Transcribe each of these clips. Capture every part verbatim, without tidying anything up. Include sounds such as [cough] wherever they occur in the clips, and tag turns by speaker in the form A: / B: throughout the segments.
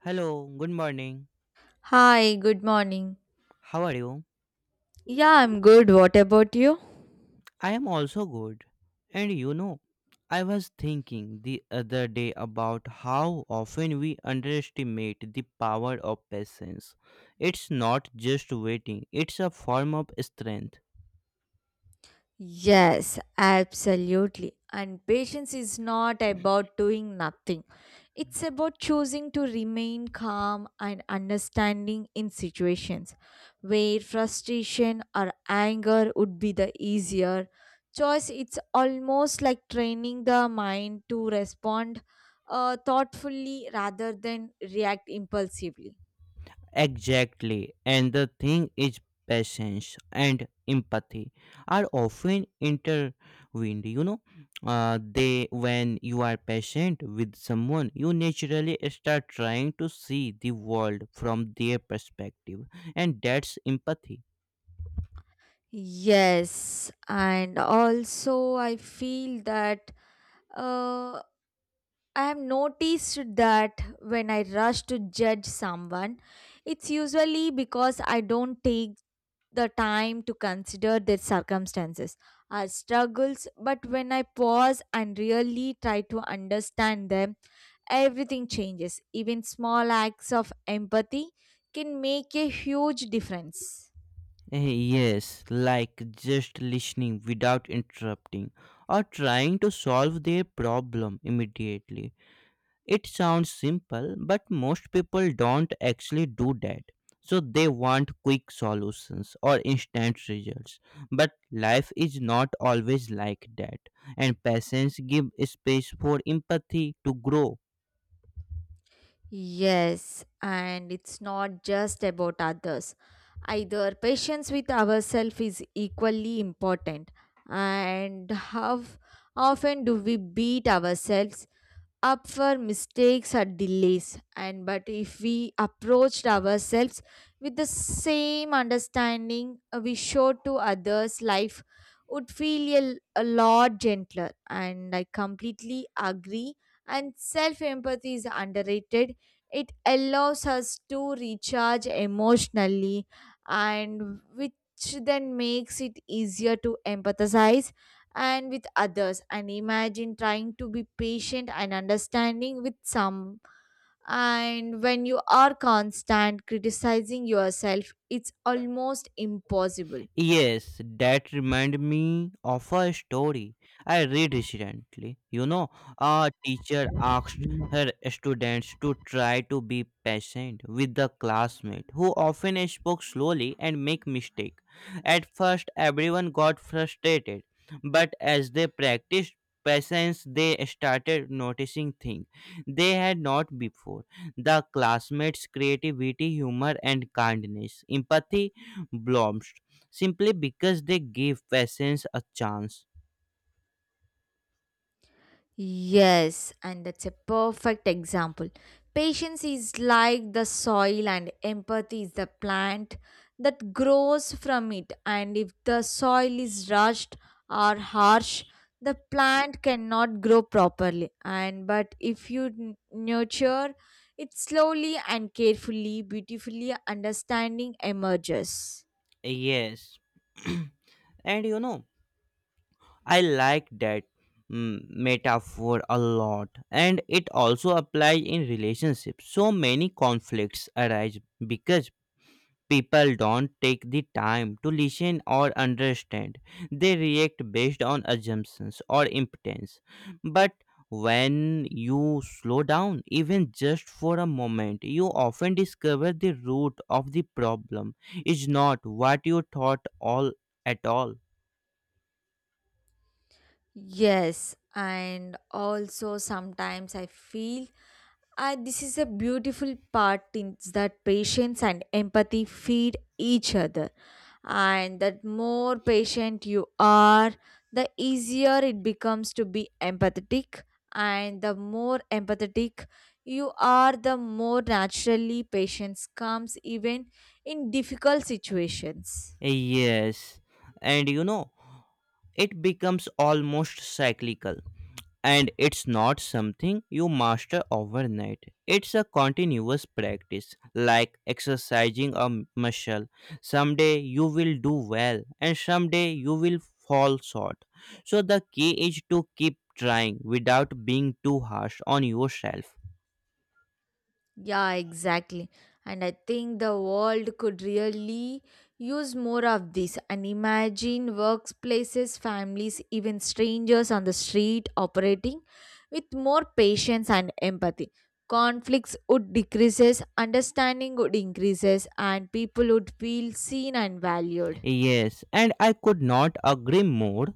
A: Hello, good morning.
B: Hi, good morning.
A: How are you?
B: Yeah, I'm good. What about you?
A: I am also good. And you know, I was thinking the other day about how often we underestimate the power of patience. It's not just waiting, it's a form of strength.
B: Yes, absolutely. And patience is not about doing nothing, it's about choosing to remain calm and understanding in situations where frustration or anger would be the easier choice. It's almost like training the mind to respond uh, thoughtfully rather than react impulsively.
A: Exactly. And the thing is, patience and empathy are often intertwined. You know, uh, they when you are patient with someone, you naturally start trying to see the world from their perspective, and that's empathy.
B: Yes, and also I feel that uh, I have noticed that when I rush to judge someone, it's usually because I don't take the time to consider their circumstances or struggles. But when I pause and really try to understand them, everything changes. Even small acts of empathy can make a huge difference.
A: Eh, Yes, like just listening without interrupting or trying to solve their problem immediately. It sounds simple, but most people don't actually do that. So they want quick solutions or instant results. But life is not always like that, and patience gives space for empathy to grow.
B: Yes, and it's not just about others. Either patience with ourselves is equally important. And how often do we beat ourselves up for mistakes or delays and but if we approached ourselves with the same understanding uh, we show to others life would feel a, a lot gentler and I completely agree and self empathy is underrated. It allows us to recharge emotionally and which then makes it easier to empathize and with others and imagine trying to be patient and understanding with some and when you are constant criticizing yourself it's almost impossible.
A: Yes, that remind me of a story I read recently. You know, a teacher asked her students to try to be patient with the classmate who often spoke slowly and make mistake. At first, everyone got frustrated, but as they practiced patience, they started noticing things they had not before. The classmates' creativity, humor, and kindness, empathy blooms simply because they gave patience a chance.
B: Yes, and that's a perfect example. Patience is like the soil, and empathy is the plant that grows from it. And if the soil is rushed or harsh, the plant cannot grow properly. And but if you n- nurture it slowly and carefully, beautifully, understanding emerges.
A: Yes. [clears throat] and you know, I like that mm, metaphor a lot. And it also applies in relationships. So many conflicts arise because people don't take the time to listen or understand. They react based on assumptions or impotence. But when you slow down, even just for a moment, you often discover the root of the problem is not what you thought all at all.
B: Yes, and also sometimes I feel and this is a beautiful part is that patience and empathy feed each other. And that more patient you are, the easier it becomes to be empathetic. And the more empathetic you are, the more naturally patience comes even in difficult situations.
A: Yes, and you know. It becomes almost cyclical, and it's not something you master overnight. It's a continuous practice, like exercising a m- muscle. Someday you will do well, and someday you will fall short, so the key is to keep trying without being too harsh on yourself.
B: Yeah, exactly. And I think the world could really use more of this. And imagine workplaces, families, even strangers on the street operating with more patience and empathy. Conflicts would decreases, understanding would increases, and people would feel seen and valued.
A: Yes, and I could not agree more.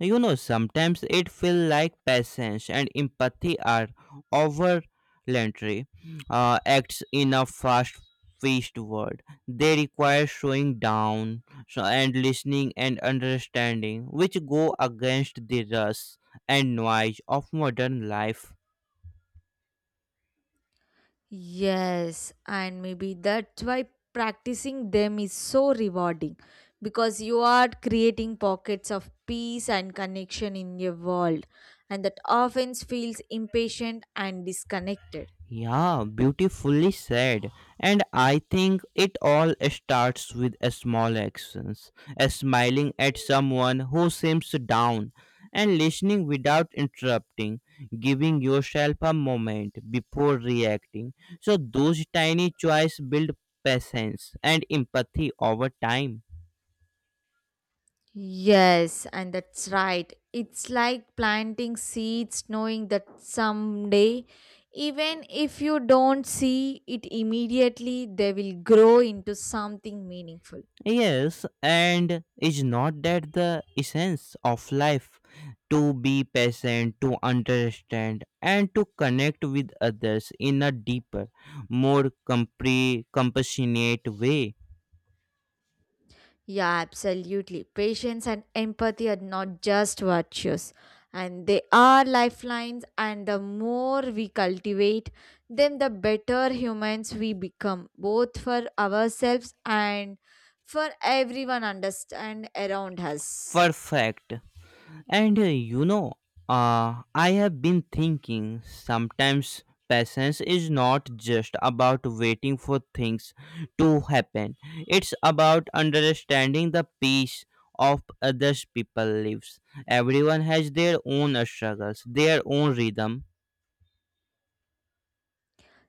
A: You know, sometimes it feels like patience and empathy are overlandry uh, acts in a fast paced world. They require slowing down so, and listening and understanding, which go against the rush and noise of modern life.
B: Yes, and maybe that's why practicing them is so rewarding because you are creating pockets of peace and connection in your world, and that often feels impatient and disconnected.
A: Yeah, beautifully said. And I think it all starts with a small actions, a smiling at someone who seems down, and listening without interrupting, giving yourself a moment before reacting. So those tiny choices build patience and empathy over time.
B: Yes, and that's right. It's like planting seeds, knowing that someday, even if you don't see it immediately, they will grow into something meaningful.
A: Yes, and is not that the essence of life to be patient, to understand, and to connect with others in a deeper, more compre- compassionate way?
B: Yeah, absolutely. Patience and empathy are not just virtues, and they are lifelines. And the more we cultivate them, the better humans we become, both for ourselves and for everyone understand around us.
A: Perfect. And uh, you know, uh, I have been thinking sometimes patience is not just about waiting for things to happen, it's about understanding the pace of others people lives. Everyone has their own struggles, their own rhythm.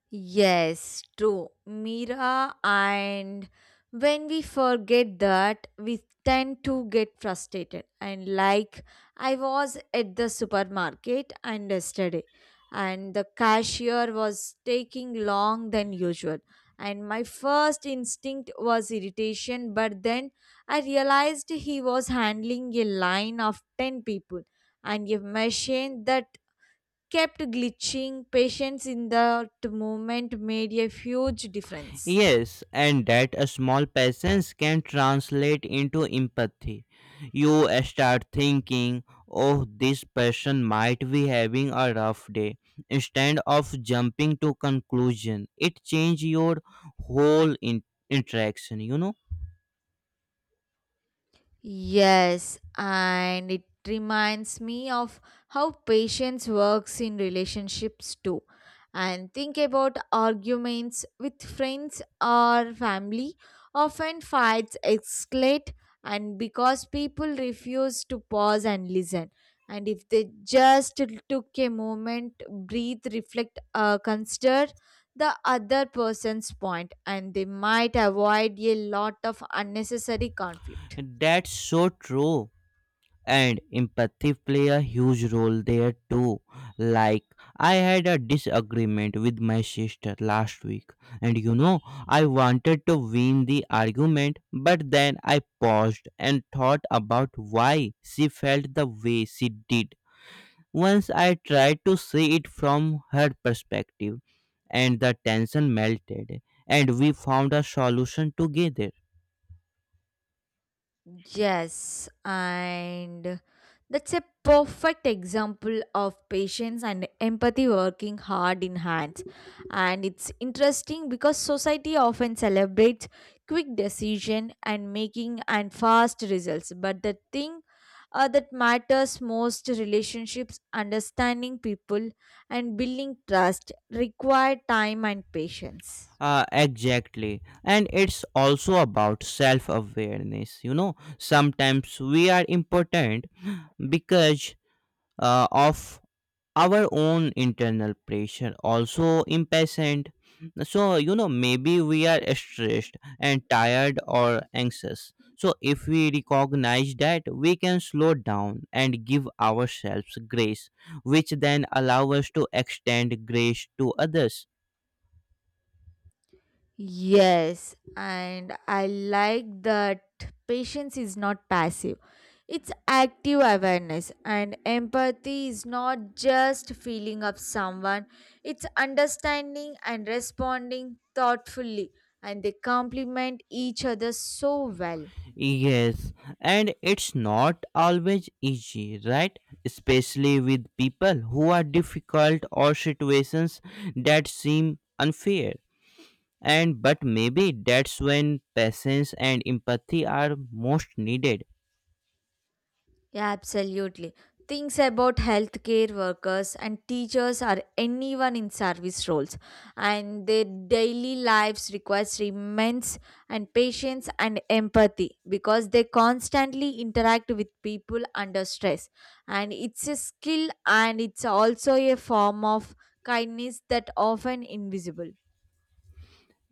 B: Yes, true. Mira, and when we forget that, we tend to get frustrated. And like I was at the supermarket and yesterday, and the cashier was taking long than usual. And my first instinct was irritation, but then I realized he was handling a line of ten people and a machine that kept glitching. Patience in that moment made a huge difference.
A: Yes, and that a small patience can translate into empathy. You start thinking, oh, this person might be having a rough day. Instead of jumping to conclusion, it changes your whole in- interaction, you know?
B: Yes, and it reminds me of how patience works in relationships too. And think about arguments with friends or family. Often fights escalate, and because people refuse to pause and listen. And if they just took a moment, breathe, reflect, uh, consider the other person's point, and they might avoid a lot of unnecessary conflict.
A: That's so true. And empathy play a huge role there too, like I had a disagreement with my sister last week. And you know i wanted to win the argument, but then I paused and thought about why she felt the way she did. Once I tried to see it from her perspective, and the tension melted, and we found a solution together.
B: Yes, and that's a perfect example of patience and empathy working hard in hands. And it's interesting because society often celebrates quick decision and making and fast results. But the thing uh, that matters most relationships, understanding people, and building trust require time and patience.
A: Uh, exactly. And it's also about self awareness. You know, sometimes we are important because uh, of our own internal pressure, also impatient. So, you know, maybe we are stressed and tired or anxious. So, if we recognize that, we can slow down and give ourselves grace, which then allow us to extend grace to others.
B: Yes, and I like that patience is not passive. It's active awareness, and empathy is not just feeling of someone, it's understanding and responding thoughtfully, and they complement each other so well.
A: Yes, and it's not always easy, right? Especially with people who are difficult or situations that seem unfair. And but maybe that's when patience and empathy are most needed.
B: Yeah, absolutely. Things about healthcare workers and teachers or anyone in service roles, and their daily lives requires immense and patience and empathy because they constantly interact with people under stress, and it's a skill and it's also a form of kindness that often invisible.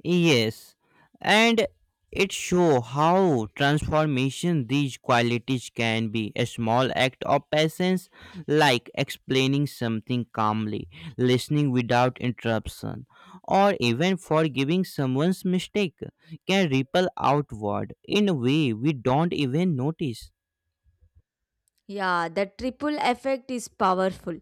A: Yes, and it show how transformation these qualities can be a small act of patience, like explaining something calmly, listening without interruption, or even forgiving someone's mistake can ripple outward in a way we don't even notice.
B: Yeah, the triple effect is powerful.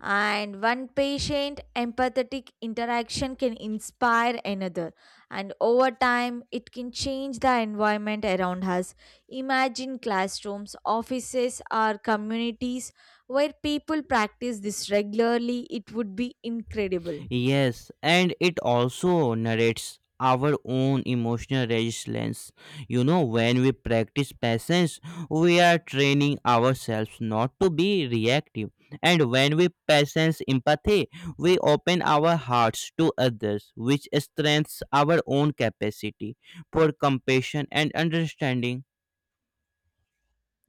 B: And one patient empathetic interaction can inspire another, and over time, it can change the environment around us. Imagine classrooms, offices, or communities where people practice this regularly, it would be incredible.
A: Yes, and it also narrates our own emotional resilience. You know, when we practice patience, we are training ourselves not to be reactive. And when we practice empathy, we open our hearts to others, which strengthens our own capacity for compassion and understanding.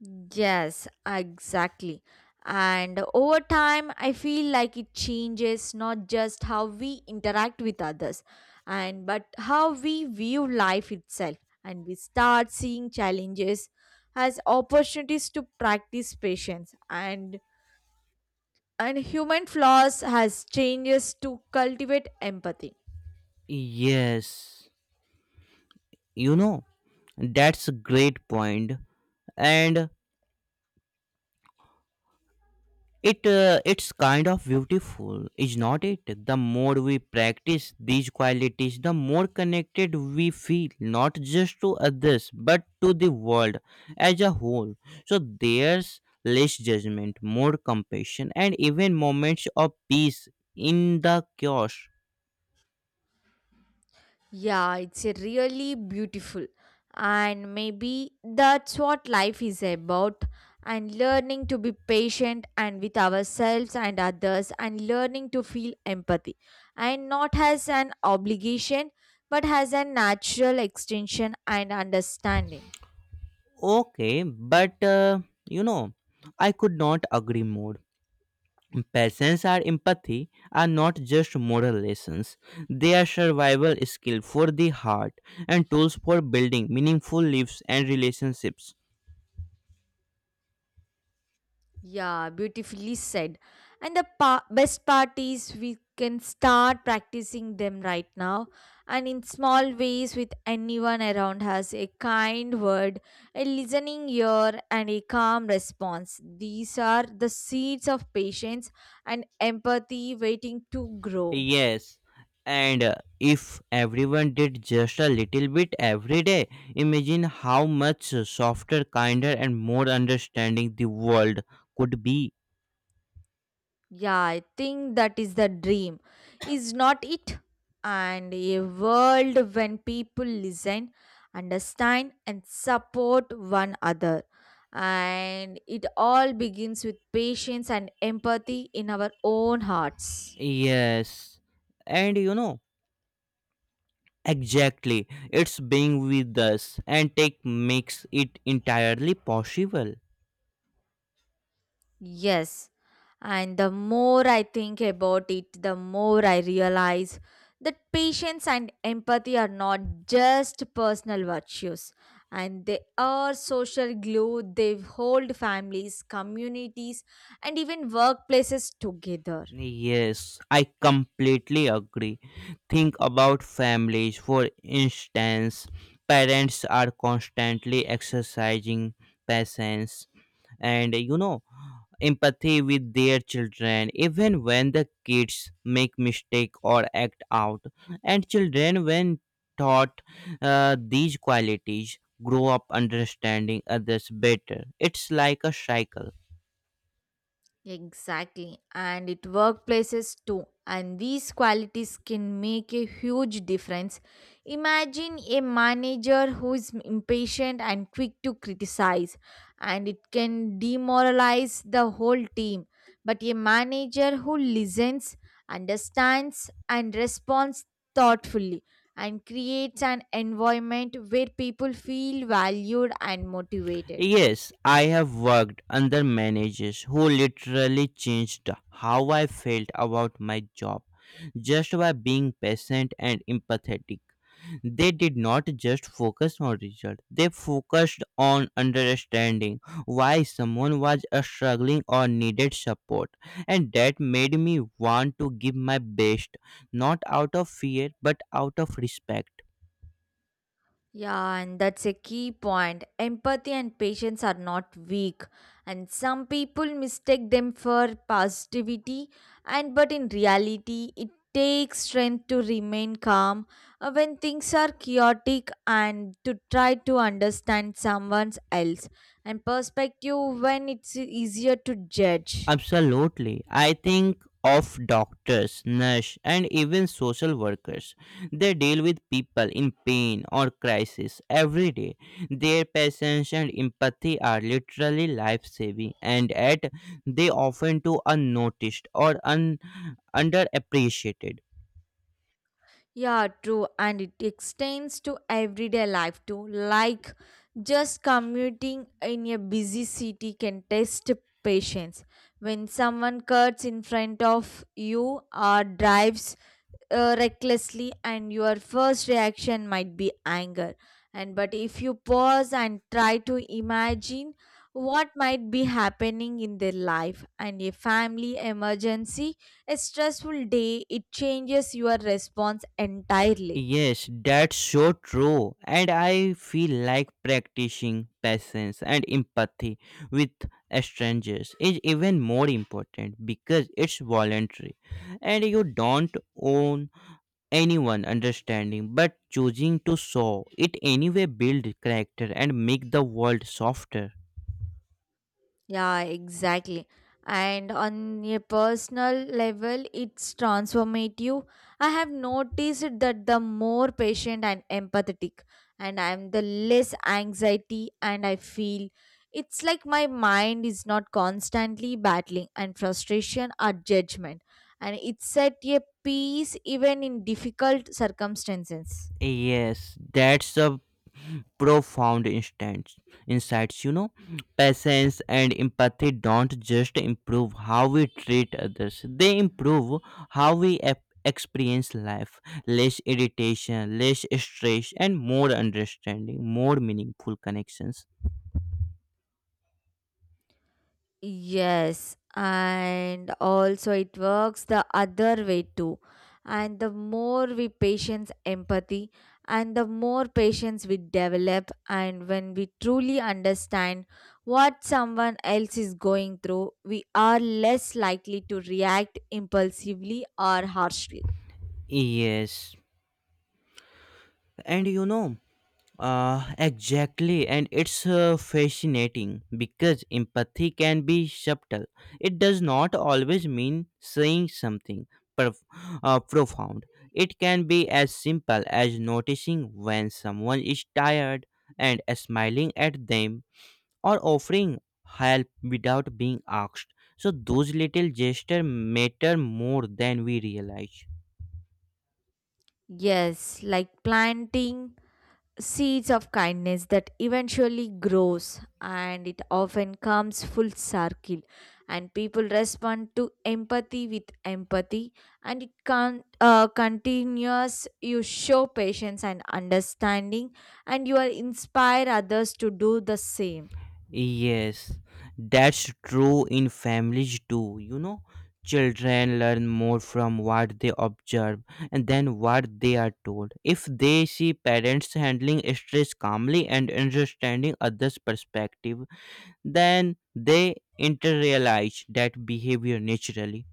B: Yes, exactly. And over time, I feel like it changes not just how we interact with others, and but how we view life itself. And we start seeing challenges as opportunities to practice patience and and human flaws as changes to cultivate empathy.
A: Yes, you know, that's a great point. And it uh, it's kind of beautiful, is not it? The more we practice these qualities, the more connected we feel, not just to others but to the world as a whole. So there's less judgment, more compassion, and even moments of peace in the chaos.
B: Yeah, it's a really beautiful. And maybe that's what life is about. And learning to be patient and with ourselves and others, and learning to feel empathy. And not as an obligation, but as a natural extension and understanding.
A: Okay, but uh, you know i could not agree more. Patience and empathy are not just moral lessons, they are survival skills for the heart and tools for building meaningful lives and relationships.
B: Yeah, beautifully said. And the pa- best part is we can start practicing them right now and in small ways with anyone around us. A kind word, a listening ear, and a calm response. These are the seeds of patience and empathy waiting to grow.
A: Yes, and uh, if everyone did just a little bit every day, imagine how much softer, kinder, and more understanding the world could be.
B: Yeah, I think that is the dream, is not it? And a world when people listen, understand, and support one another. And it all begins with patience and empathy in our own hearts.
A: Yes, and you know, exactly, it's being with us and tech makes it entirely possible.
B: Yes, and the more I think about it, the more I realize that patience and empathy are not just personal virtues, and they are social glue. They hold families, communities, and even workplaces together.
A: Yes, I completely agree. Think about families, for instance, parents are constantly exercising patience and you know empathy with their children, even when the kids make mistake or act out. And children, when taught, uh, these qualities grow up understanding others better. It's like a cycle.
B: Exactly, and it workplaces too. And these qualities can make a huge difference. Imagine a manager who is impatient and quick to criticize, and it can demoralize the whole team. But a manager who listens, understands, and responds thoughtfully and creates an environment where people feel valued and motivated.
A: Yes, I have worked under managers who literally changed how I felt about my job just by being patient and empathetic. They did not just focus on result, they focused on understanding why someone was uh, struggling or needed support. And that made me want to give my best, not out of fear but out of respect.
B: Yeah, and that's a key point. Empathy and patience are not weak, and some people mistake them for positivity, and but in reality, it takes strength to remain calm uh, when things are chaotic and to try to understand someone else and perspective when it's easier to judge.
A: Absolutely. I think of doctors, nurse, and even social workers. They deal with people in pain or crisis every day. Their patience and empathy are literally life-saving, and yet they often go unnoticed or un- underappreciated.
B: Yeah, true, and it extends to everyday life too. Like just commuting in a busy city can test patience. When someone cuts in front of you or drives uh, recklessly and your first reaction might be anger and but if you pause and try to imagine what might be happening in their life and a family emergency a stressful day it changes your response entirely.
A: Yes, that's so true. And I feel like practicing patience and empathy with strangers is even more important because it's voluntary, and you don't own anyone understanding, but choosing to show it anyway builds character and make the world softer.
B: Yeah, exactly. And on a personal level, it's transformative. I have noticed that the more patient and empathetic, and I'm the less anxiety, and I feel it's like my mind is not constantly battling and frustration or judgment, and it's at a peace even in difficult circumstances.
A: Yes, that's a profound instants, insights. You know, patience and empathy don't just improve how we treat others; they improve how we ap- experience life. Less irritation, less stress, and more understanding, more meaningful connections.
B: Yes, and also it works the other way too. And the more we patience empathy and the more patience we develop and when we truly understand what someone else is going through, we are less likely to react impulsively or harshly.
A: Yes, and you know. Uh, exactly, and it's uh, fascinating because empathy can be subtle. It does not always mean saying something prof- uh, profound. It can be as simple as noticing when someone is tired and smiling at them or offering help without being asked. So those little gestures matter more than we realize.
B: Yes, like planting seeds of kindness that eventually grows and it often comes full circle and people respond to empathy with empathy and it can uh, continues you show patience and understanding and you are inspire others to do the same.
A: Yes, that's true in families too. You know, children learn more from what they observe and then what they are told. If they see parents handling stress calmly and understanding others' perspective, then they internalize that behavior naturally.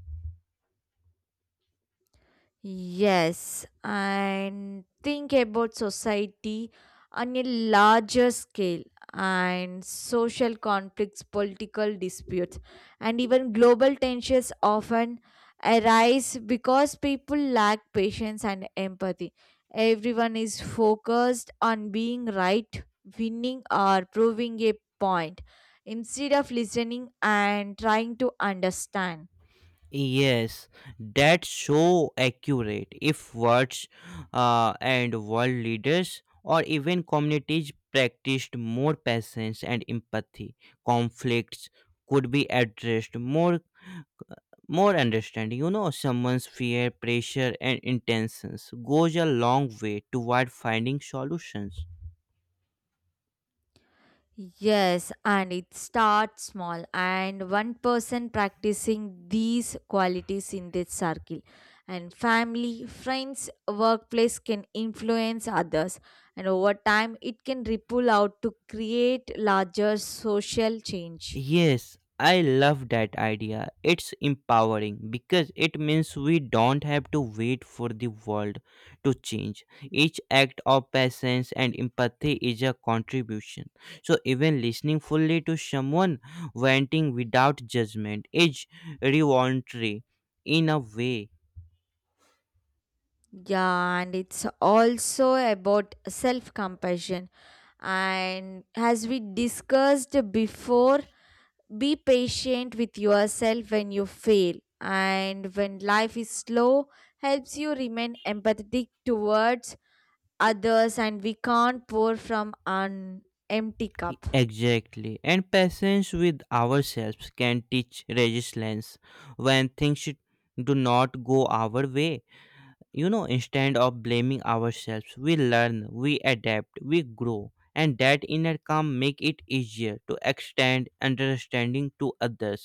B: Yes, and think about society on a larger scale and social conflicts, political disputes, and even global tensions often arise because people lack patience and empathy. Everyone is focused on being right, winning, or proving a point instead of listening and trying to understand.
A: Yes, that's so accurate. If words uh, and world leaders or even communities practiced more patience and empathy, conflicts could be addressed more more understanding. You know, someone's fear, pressure and intentions goes a long way toward finding solutions.
B: Yes, and it starts small, and one person practicing these qualities in their circle, and family, friends, workplace can influence others, and over time, it can ripple out to create larger social change.
A: Yes, I love that idea. It's empowering because it means we don't have to wait for the world to change. Each act of patience and empathy is a contribution. So, even listening fully to someone venting without judgment is revolutionary in a way.
B: Yeah, and it's also about self compassion. And as we discussed before, be patient with yourself when you fail, and when life is slow, helps you remain empathetic towards others, and we can't pour from an empty
A: E,
B: cup.
A: Exactly. And patience with ourselves can teach resilience when things do not go our way. you know instead of blaming ourselves, we learn, we adapt, we grow. And that inner calm make it easier to extend understanding to others.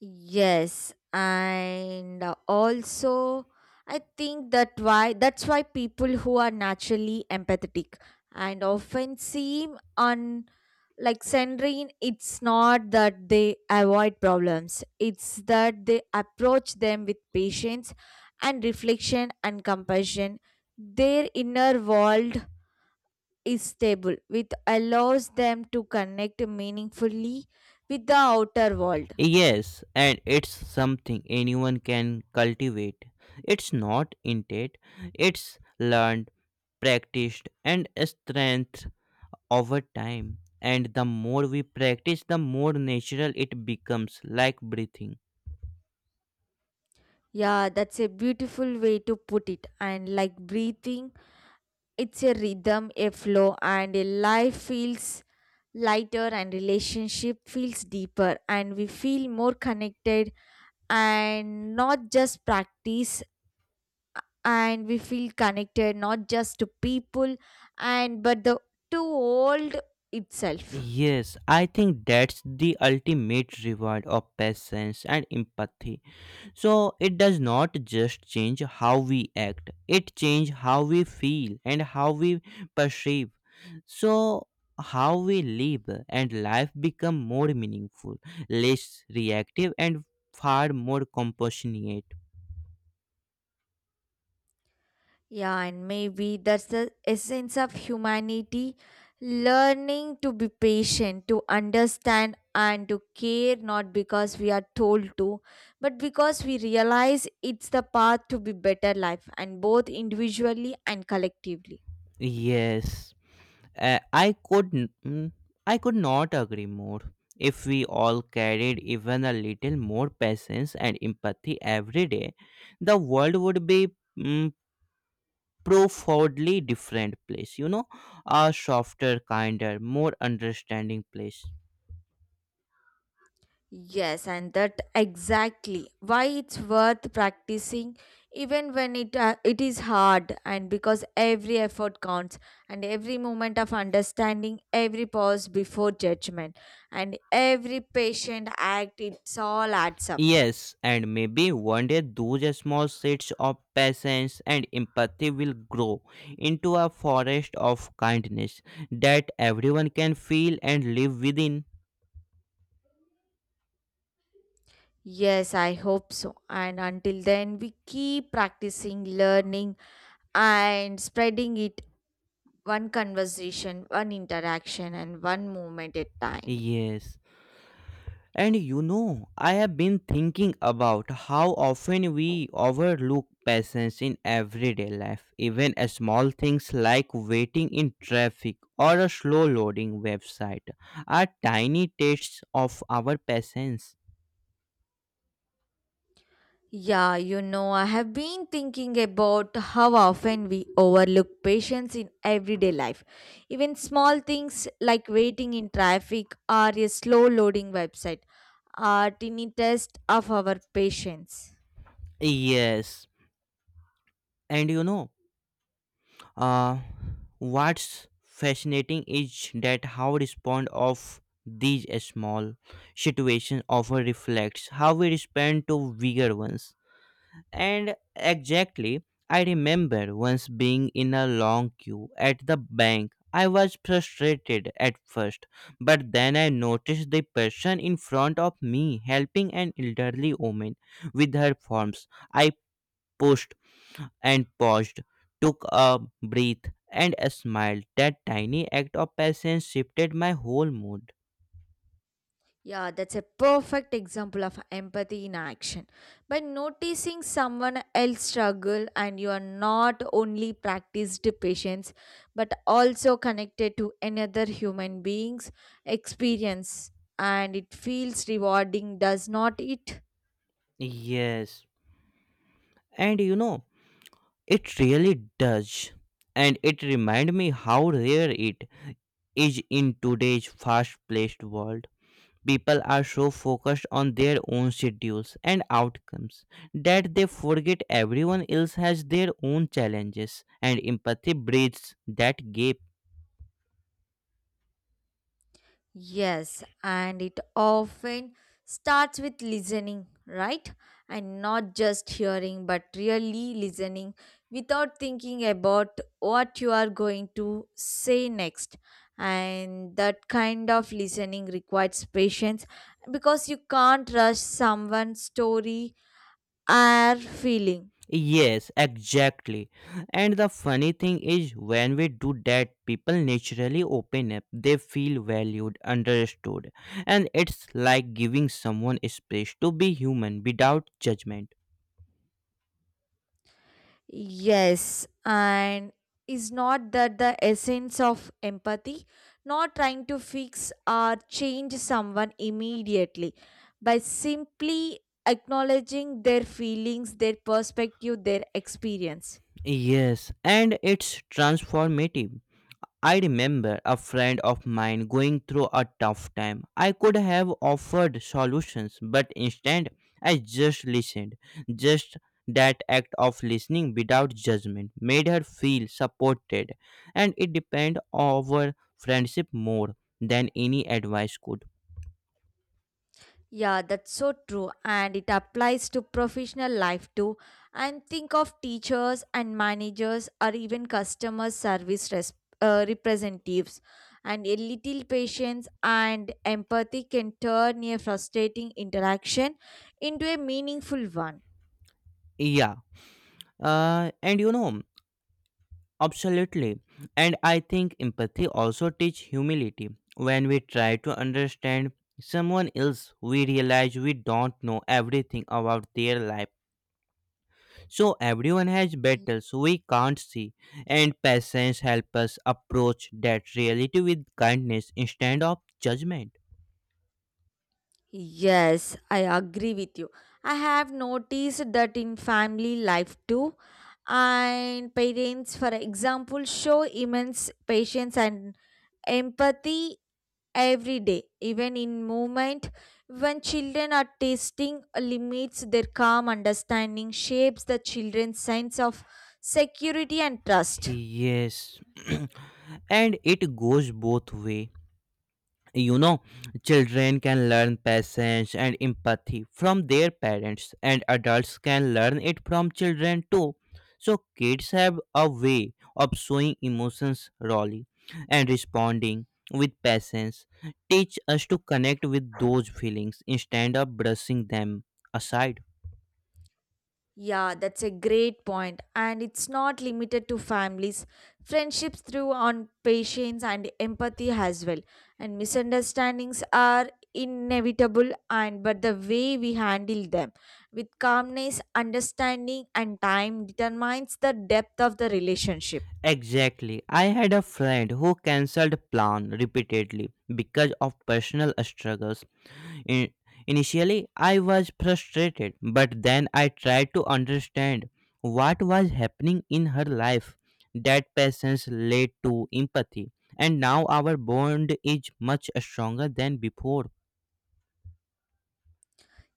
B: Yes, and uh, also I think that why that's why people who are naturally empathetic and often seem on like Sandrine, it's not that they avoid problems. It's that they approach them with patience and reflection and compassion. Their inner world is stable, which allows them to connect meaningfully with the outer world.
A: Yes, and it's something anyone can cultivate. It's not innate, it's learned, practiced and strengthened over time. And the more we practice, the more natural it becomes, like breathing.
B: Yeah, that's a beautiful way to put it. And like breathing, it's a rhythm, a flow, and a life feels lighter and relationship feels deeper and we feel more connected and not just practice and we feel connected not just to people and but the to world itself.
A: Yes, I think that's the ultimate reward of patience and empathy. So it does not just change how we act, it changes how we feel and how we perceive. So how we live and life become more meaningful, less reactive and far more compassionate.
B: Yeah, and maybe that's the essence of humanity learning to be patient, to understand, and to care not because we are told to, but because we realize it's the path to be better life, and both individually and collectively.
A: Yes. Uh, I could n- mm, I could not agree more. If we all carried even a little more patience and empathy every day, the world would be mm, profoundly different place. You know, a softer, kinder, more understanding place.
B: Yes, and that exactly why it's worth practicing even when it uh, it is hard and because every effort counts and every moment of understanding, every pause before judgment and every patient act it's all adds up.
A: Yes, and maybe one day those small seeds of patience and empathy will grow into a forest of kindness that everyone can feel and live within.
B: Yes, I hope so. And until then we keep practicing learning and spreading it one conversation, one interaction and one moment at time.
A: Yes. And you know, I have been thinking about how often we overlook patience in everyday life. Even a small things like waiting in traffic or a slow loading website are tiny tests of our patience.
B: Yeah, you know, I have been thinking about how often we overlook patience in everyday life. Even small things like waiting in traffic or a slow loading website are tiny test of our patience.
A: Yes, and you know, uh, what's fascinating is that how respond of these small situations often reflects how we respond to bigger ones. And exactly, I remember once being in a long queue at the bank. I was frustrated at first, but then I noticed the person in front of me helping an elderly woman with her forms. I pushed and paused, took a breath, and smiled. That tiny act of patience shifted my whole mood.
B: Yeah, that's a perfect example of empathy in action. By noticing someone else struggle and you are not only practiced patience but also connected to another human being's experience and it feels rewarding, does not it?
A: Yes, and you know, it really does. And it reminded me how rare it is in today's fast paced world. People are so focused on their own schedules and outcomes that they forget everyone else has their own challenges, and empathy bridges that gap.
B: Yes, and it often starts with listening, right? And not just hearing, but really listening without thinking about what you are going to say next. And that kind of listening requires patience because you can't rush someone's story or feeling.
A: Yes, exactly. And the funny thing is, when we do that, people naturally open up. They feel valued, understood, and it's like giving someone space to be human without judgment.
B: Yes, and is not that the essence of empathy? Not trying to fix or change someone immediately, by simply acknowledging their feelings, their perspective, their experience.
A: Yes, and it's transformative. I remember a friend of mine going through a tough time. I could have offered solutions, but instead I just listened. Just that act of listening without judgment made her feel supported, and it depend our friendship more than any advice could.
B: Yeah, that's so true, and it applies to professional life too. And think of teachers and managers, or even customer service res- uh, representatives. And a little patience and empathy can turn a frustrating interaction into a meaningful one.
A: Yeah. Uh, and you know, Absolutely. And I think empathy also teach humility. When we try to understand someone else, we realize we don't know everything about their life. So everyone has battles we can't see, and patience helps us approach that reality with kindness instead of judgment.
B: Yes, I agree with you. I have noticed that in family life too. And parents, for example, show immense patience and empathy every day even in movement when children are tasting limits their calm understanding shapes the children's sense of security and trust.
A: Yes. [clears throat] And it goes both way. you know Children can learn patience and empathy from their parents, and adults can learn it from children too. So kids have a way of showing emotions rawly, and responding with patience teach us to connect with those feelings instead of brushing them aside.
B: Yeah, that's a great point. And it's not limited to families. Friendships through on patience and empathy as well. And misunderstandings are inevitable and but the way we handle them with calmness, understanding and time determines the depth of the relationship.
A: Exactly. I had a friend who cancelled plan repeatedly because of personal struggles. I- Initially, I was frustrated, but then I tried to understand what was happening in her life. That patience led to empathy, and now our bond is much stronger than before.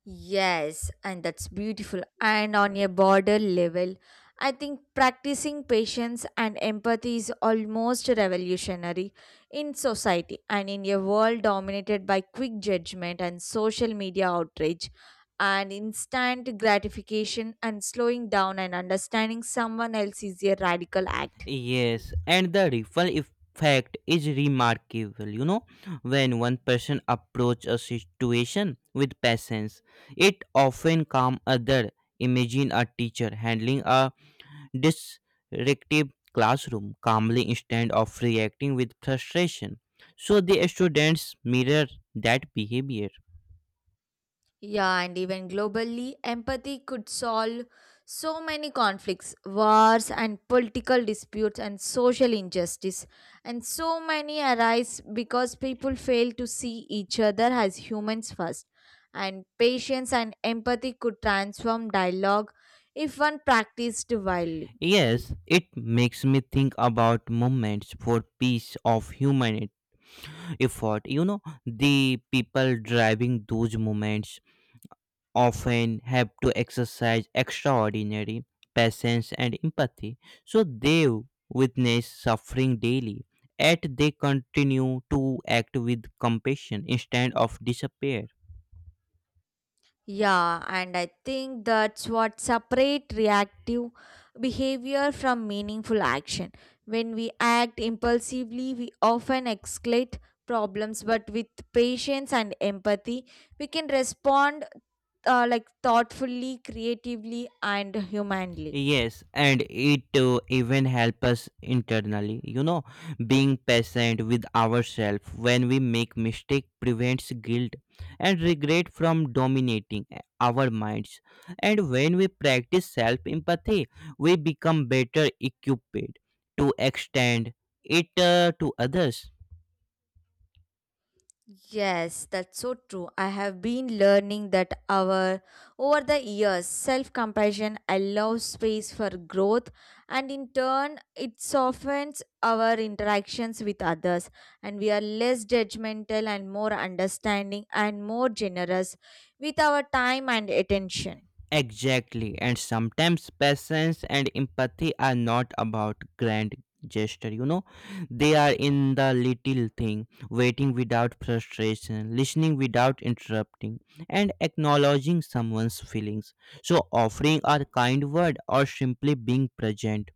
B: Yes, and that's beautiful. And on a border level, I think practicing patience and empathy is almost revolutionary in society and in a world dominated by quick judgment and social media outrage and instant gratification and slowing down and understanding someone else is a radical act.
A: Yes, and the ripple effect is remarkable. You know, when one person approaches a situation with patience, it often calms other. Imagine a teacher handling a disruptive classroom calmly instead of reacting with frustration. So the students mirror that behavior.
B: Yeah, and even globally, empathy could solve so many conflicts, wars, and political disputes, and social injustice. And so many arise because people fail to see each other as humans first. And patience and empathy could transform dialogue if one practiced widely.
A: Yes, it makes me think about moments for peace of human effort. You know, the people driving those moments often have to exercise extraordinary patience and empathy. So they witness suffering daily, yet they continue to act with compassion instead of despair.
B: Yeah, and I think that's what separate reactive behavior from meaningful action. When we act impulsively, we often escalate problems, but with patience and empathy, we can respond uh, like thoughtfully, creatively, and humanly.
A: Yes, and it uh, even help us internally. You know, being patient with ourselves when we make mistake prevents guilt and regret from dominating uh, our minds. And when we practice self empathy, we become better equipped to extend it uh, to others.
B: Yes, that's so true. I have been learning that our over the years, self-compassion allows space for growth and in turn it softens our interactions with others and we are less judgmental and more understanding and more generous with our time and attention.
A: Exactly. And sometimes patience and empathy are not about grand gesture, you know. They are in the little thing, waiting without frustration, listening without interrupting, and acknowledging someone's feelings. So offering a kind word or simply being present.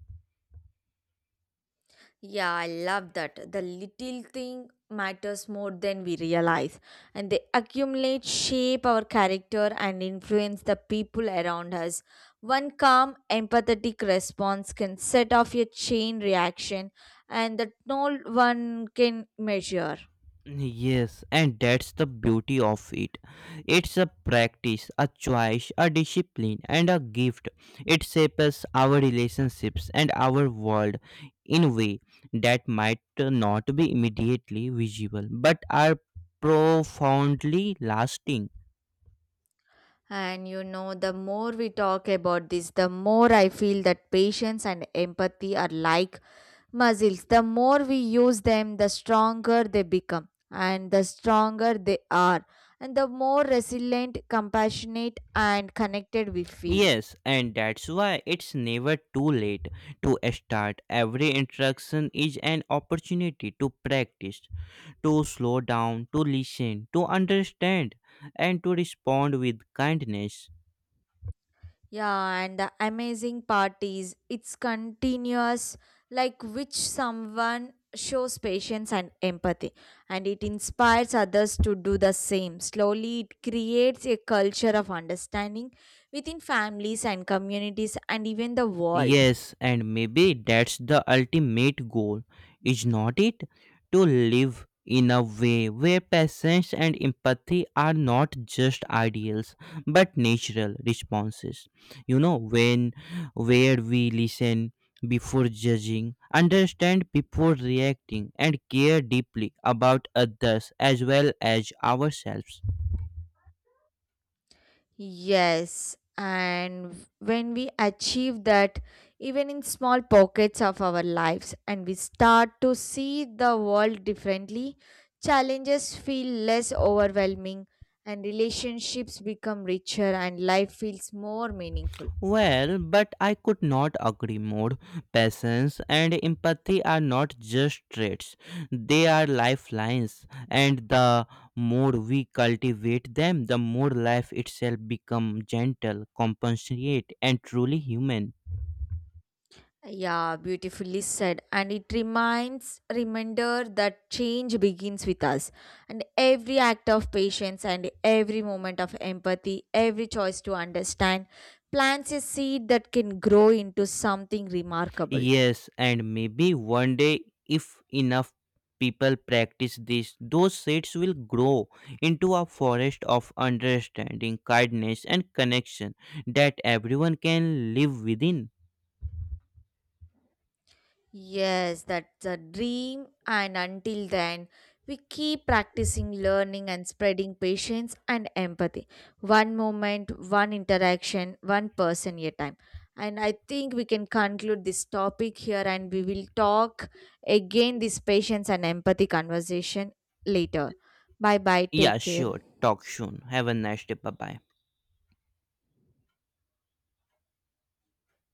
B: Yeah, I love that. The little thing matters more than we realize, and they accumulate, shape our character, and influence the people around us. One calm, empathetic response can set off a chain reaction, and that no one can measure.
A: Yes, and that's the beauty of it. It's a practice, a choice, a discipline, and a gift. It shapes our relationships and our world in a way that might not be immediately visible but are profoundly lasting.
B: And you know, the more we talk about this, the more I feel that patience and empathy are like muscles. The more we use them, the stronger they become, and the stronger they are, and the more resilient, compassionate, and connected we feel.
A: Yes, and that's why it's never too late to start. Every interaction is an opportunity to practice to slow down, to listen, to understand, and to respond with kindness.
B: Yeah, and the amazing parties. It's continuous, like which someone shows patience and empathy, and it inspires others to do the same. Slowly, it creates a culture of understanding within families and communities and even the world.
A: Yes, and maybe that's the ultimate goal, is not it? To live in a way where patience and empathy are not just ideals but natural responses. You know, when Where we listen before judging, understand before reacting, and care deeply about others as well as ourselves.
B: Yes, and when we achieve that, even in small pockets of our lives, and we start to see the world differently, challenges feel less overwhelming, and relationships become richer, and life feels more meaningful.
A: Well, but I could not agree more. Patience and empathy are not just traits, they are lifelines, and the more we cultivate them, the more life itself becomes gentle, compassionate, and truly human.
B: Yeah, beautifully said. And it reminds reminder that change begins with us. And every act of patience and every moment of empathy, every choice to understand plants a seed that can grow into something remarkable.
A: Yes, and maybe one day, if enough people practice this, those seeds will grow into a forest of understanding, kindness, and connection that everyone can live within.
B: Yes, that's a dream. And until then, we keep practicing learning and spreading patience and empathy. One moment, one interaction, one person at a time. And I think we can conclude this topic here and we will talk again this patience and empathy conversation later. Bye bye.
A: Yeah,
B: Take care.
A: sure. Talk soon. Have a nice day. Bye bye.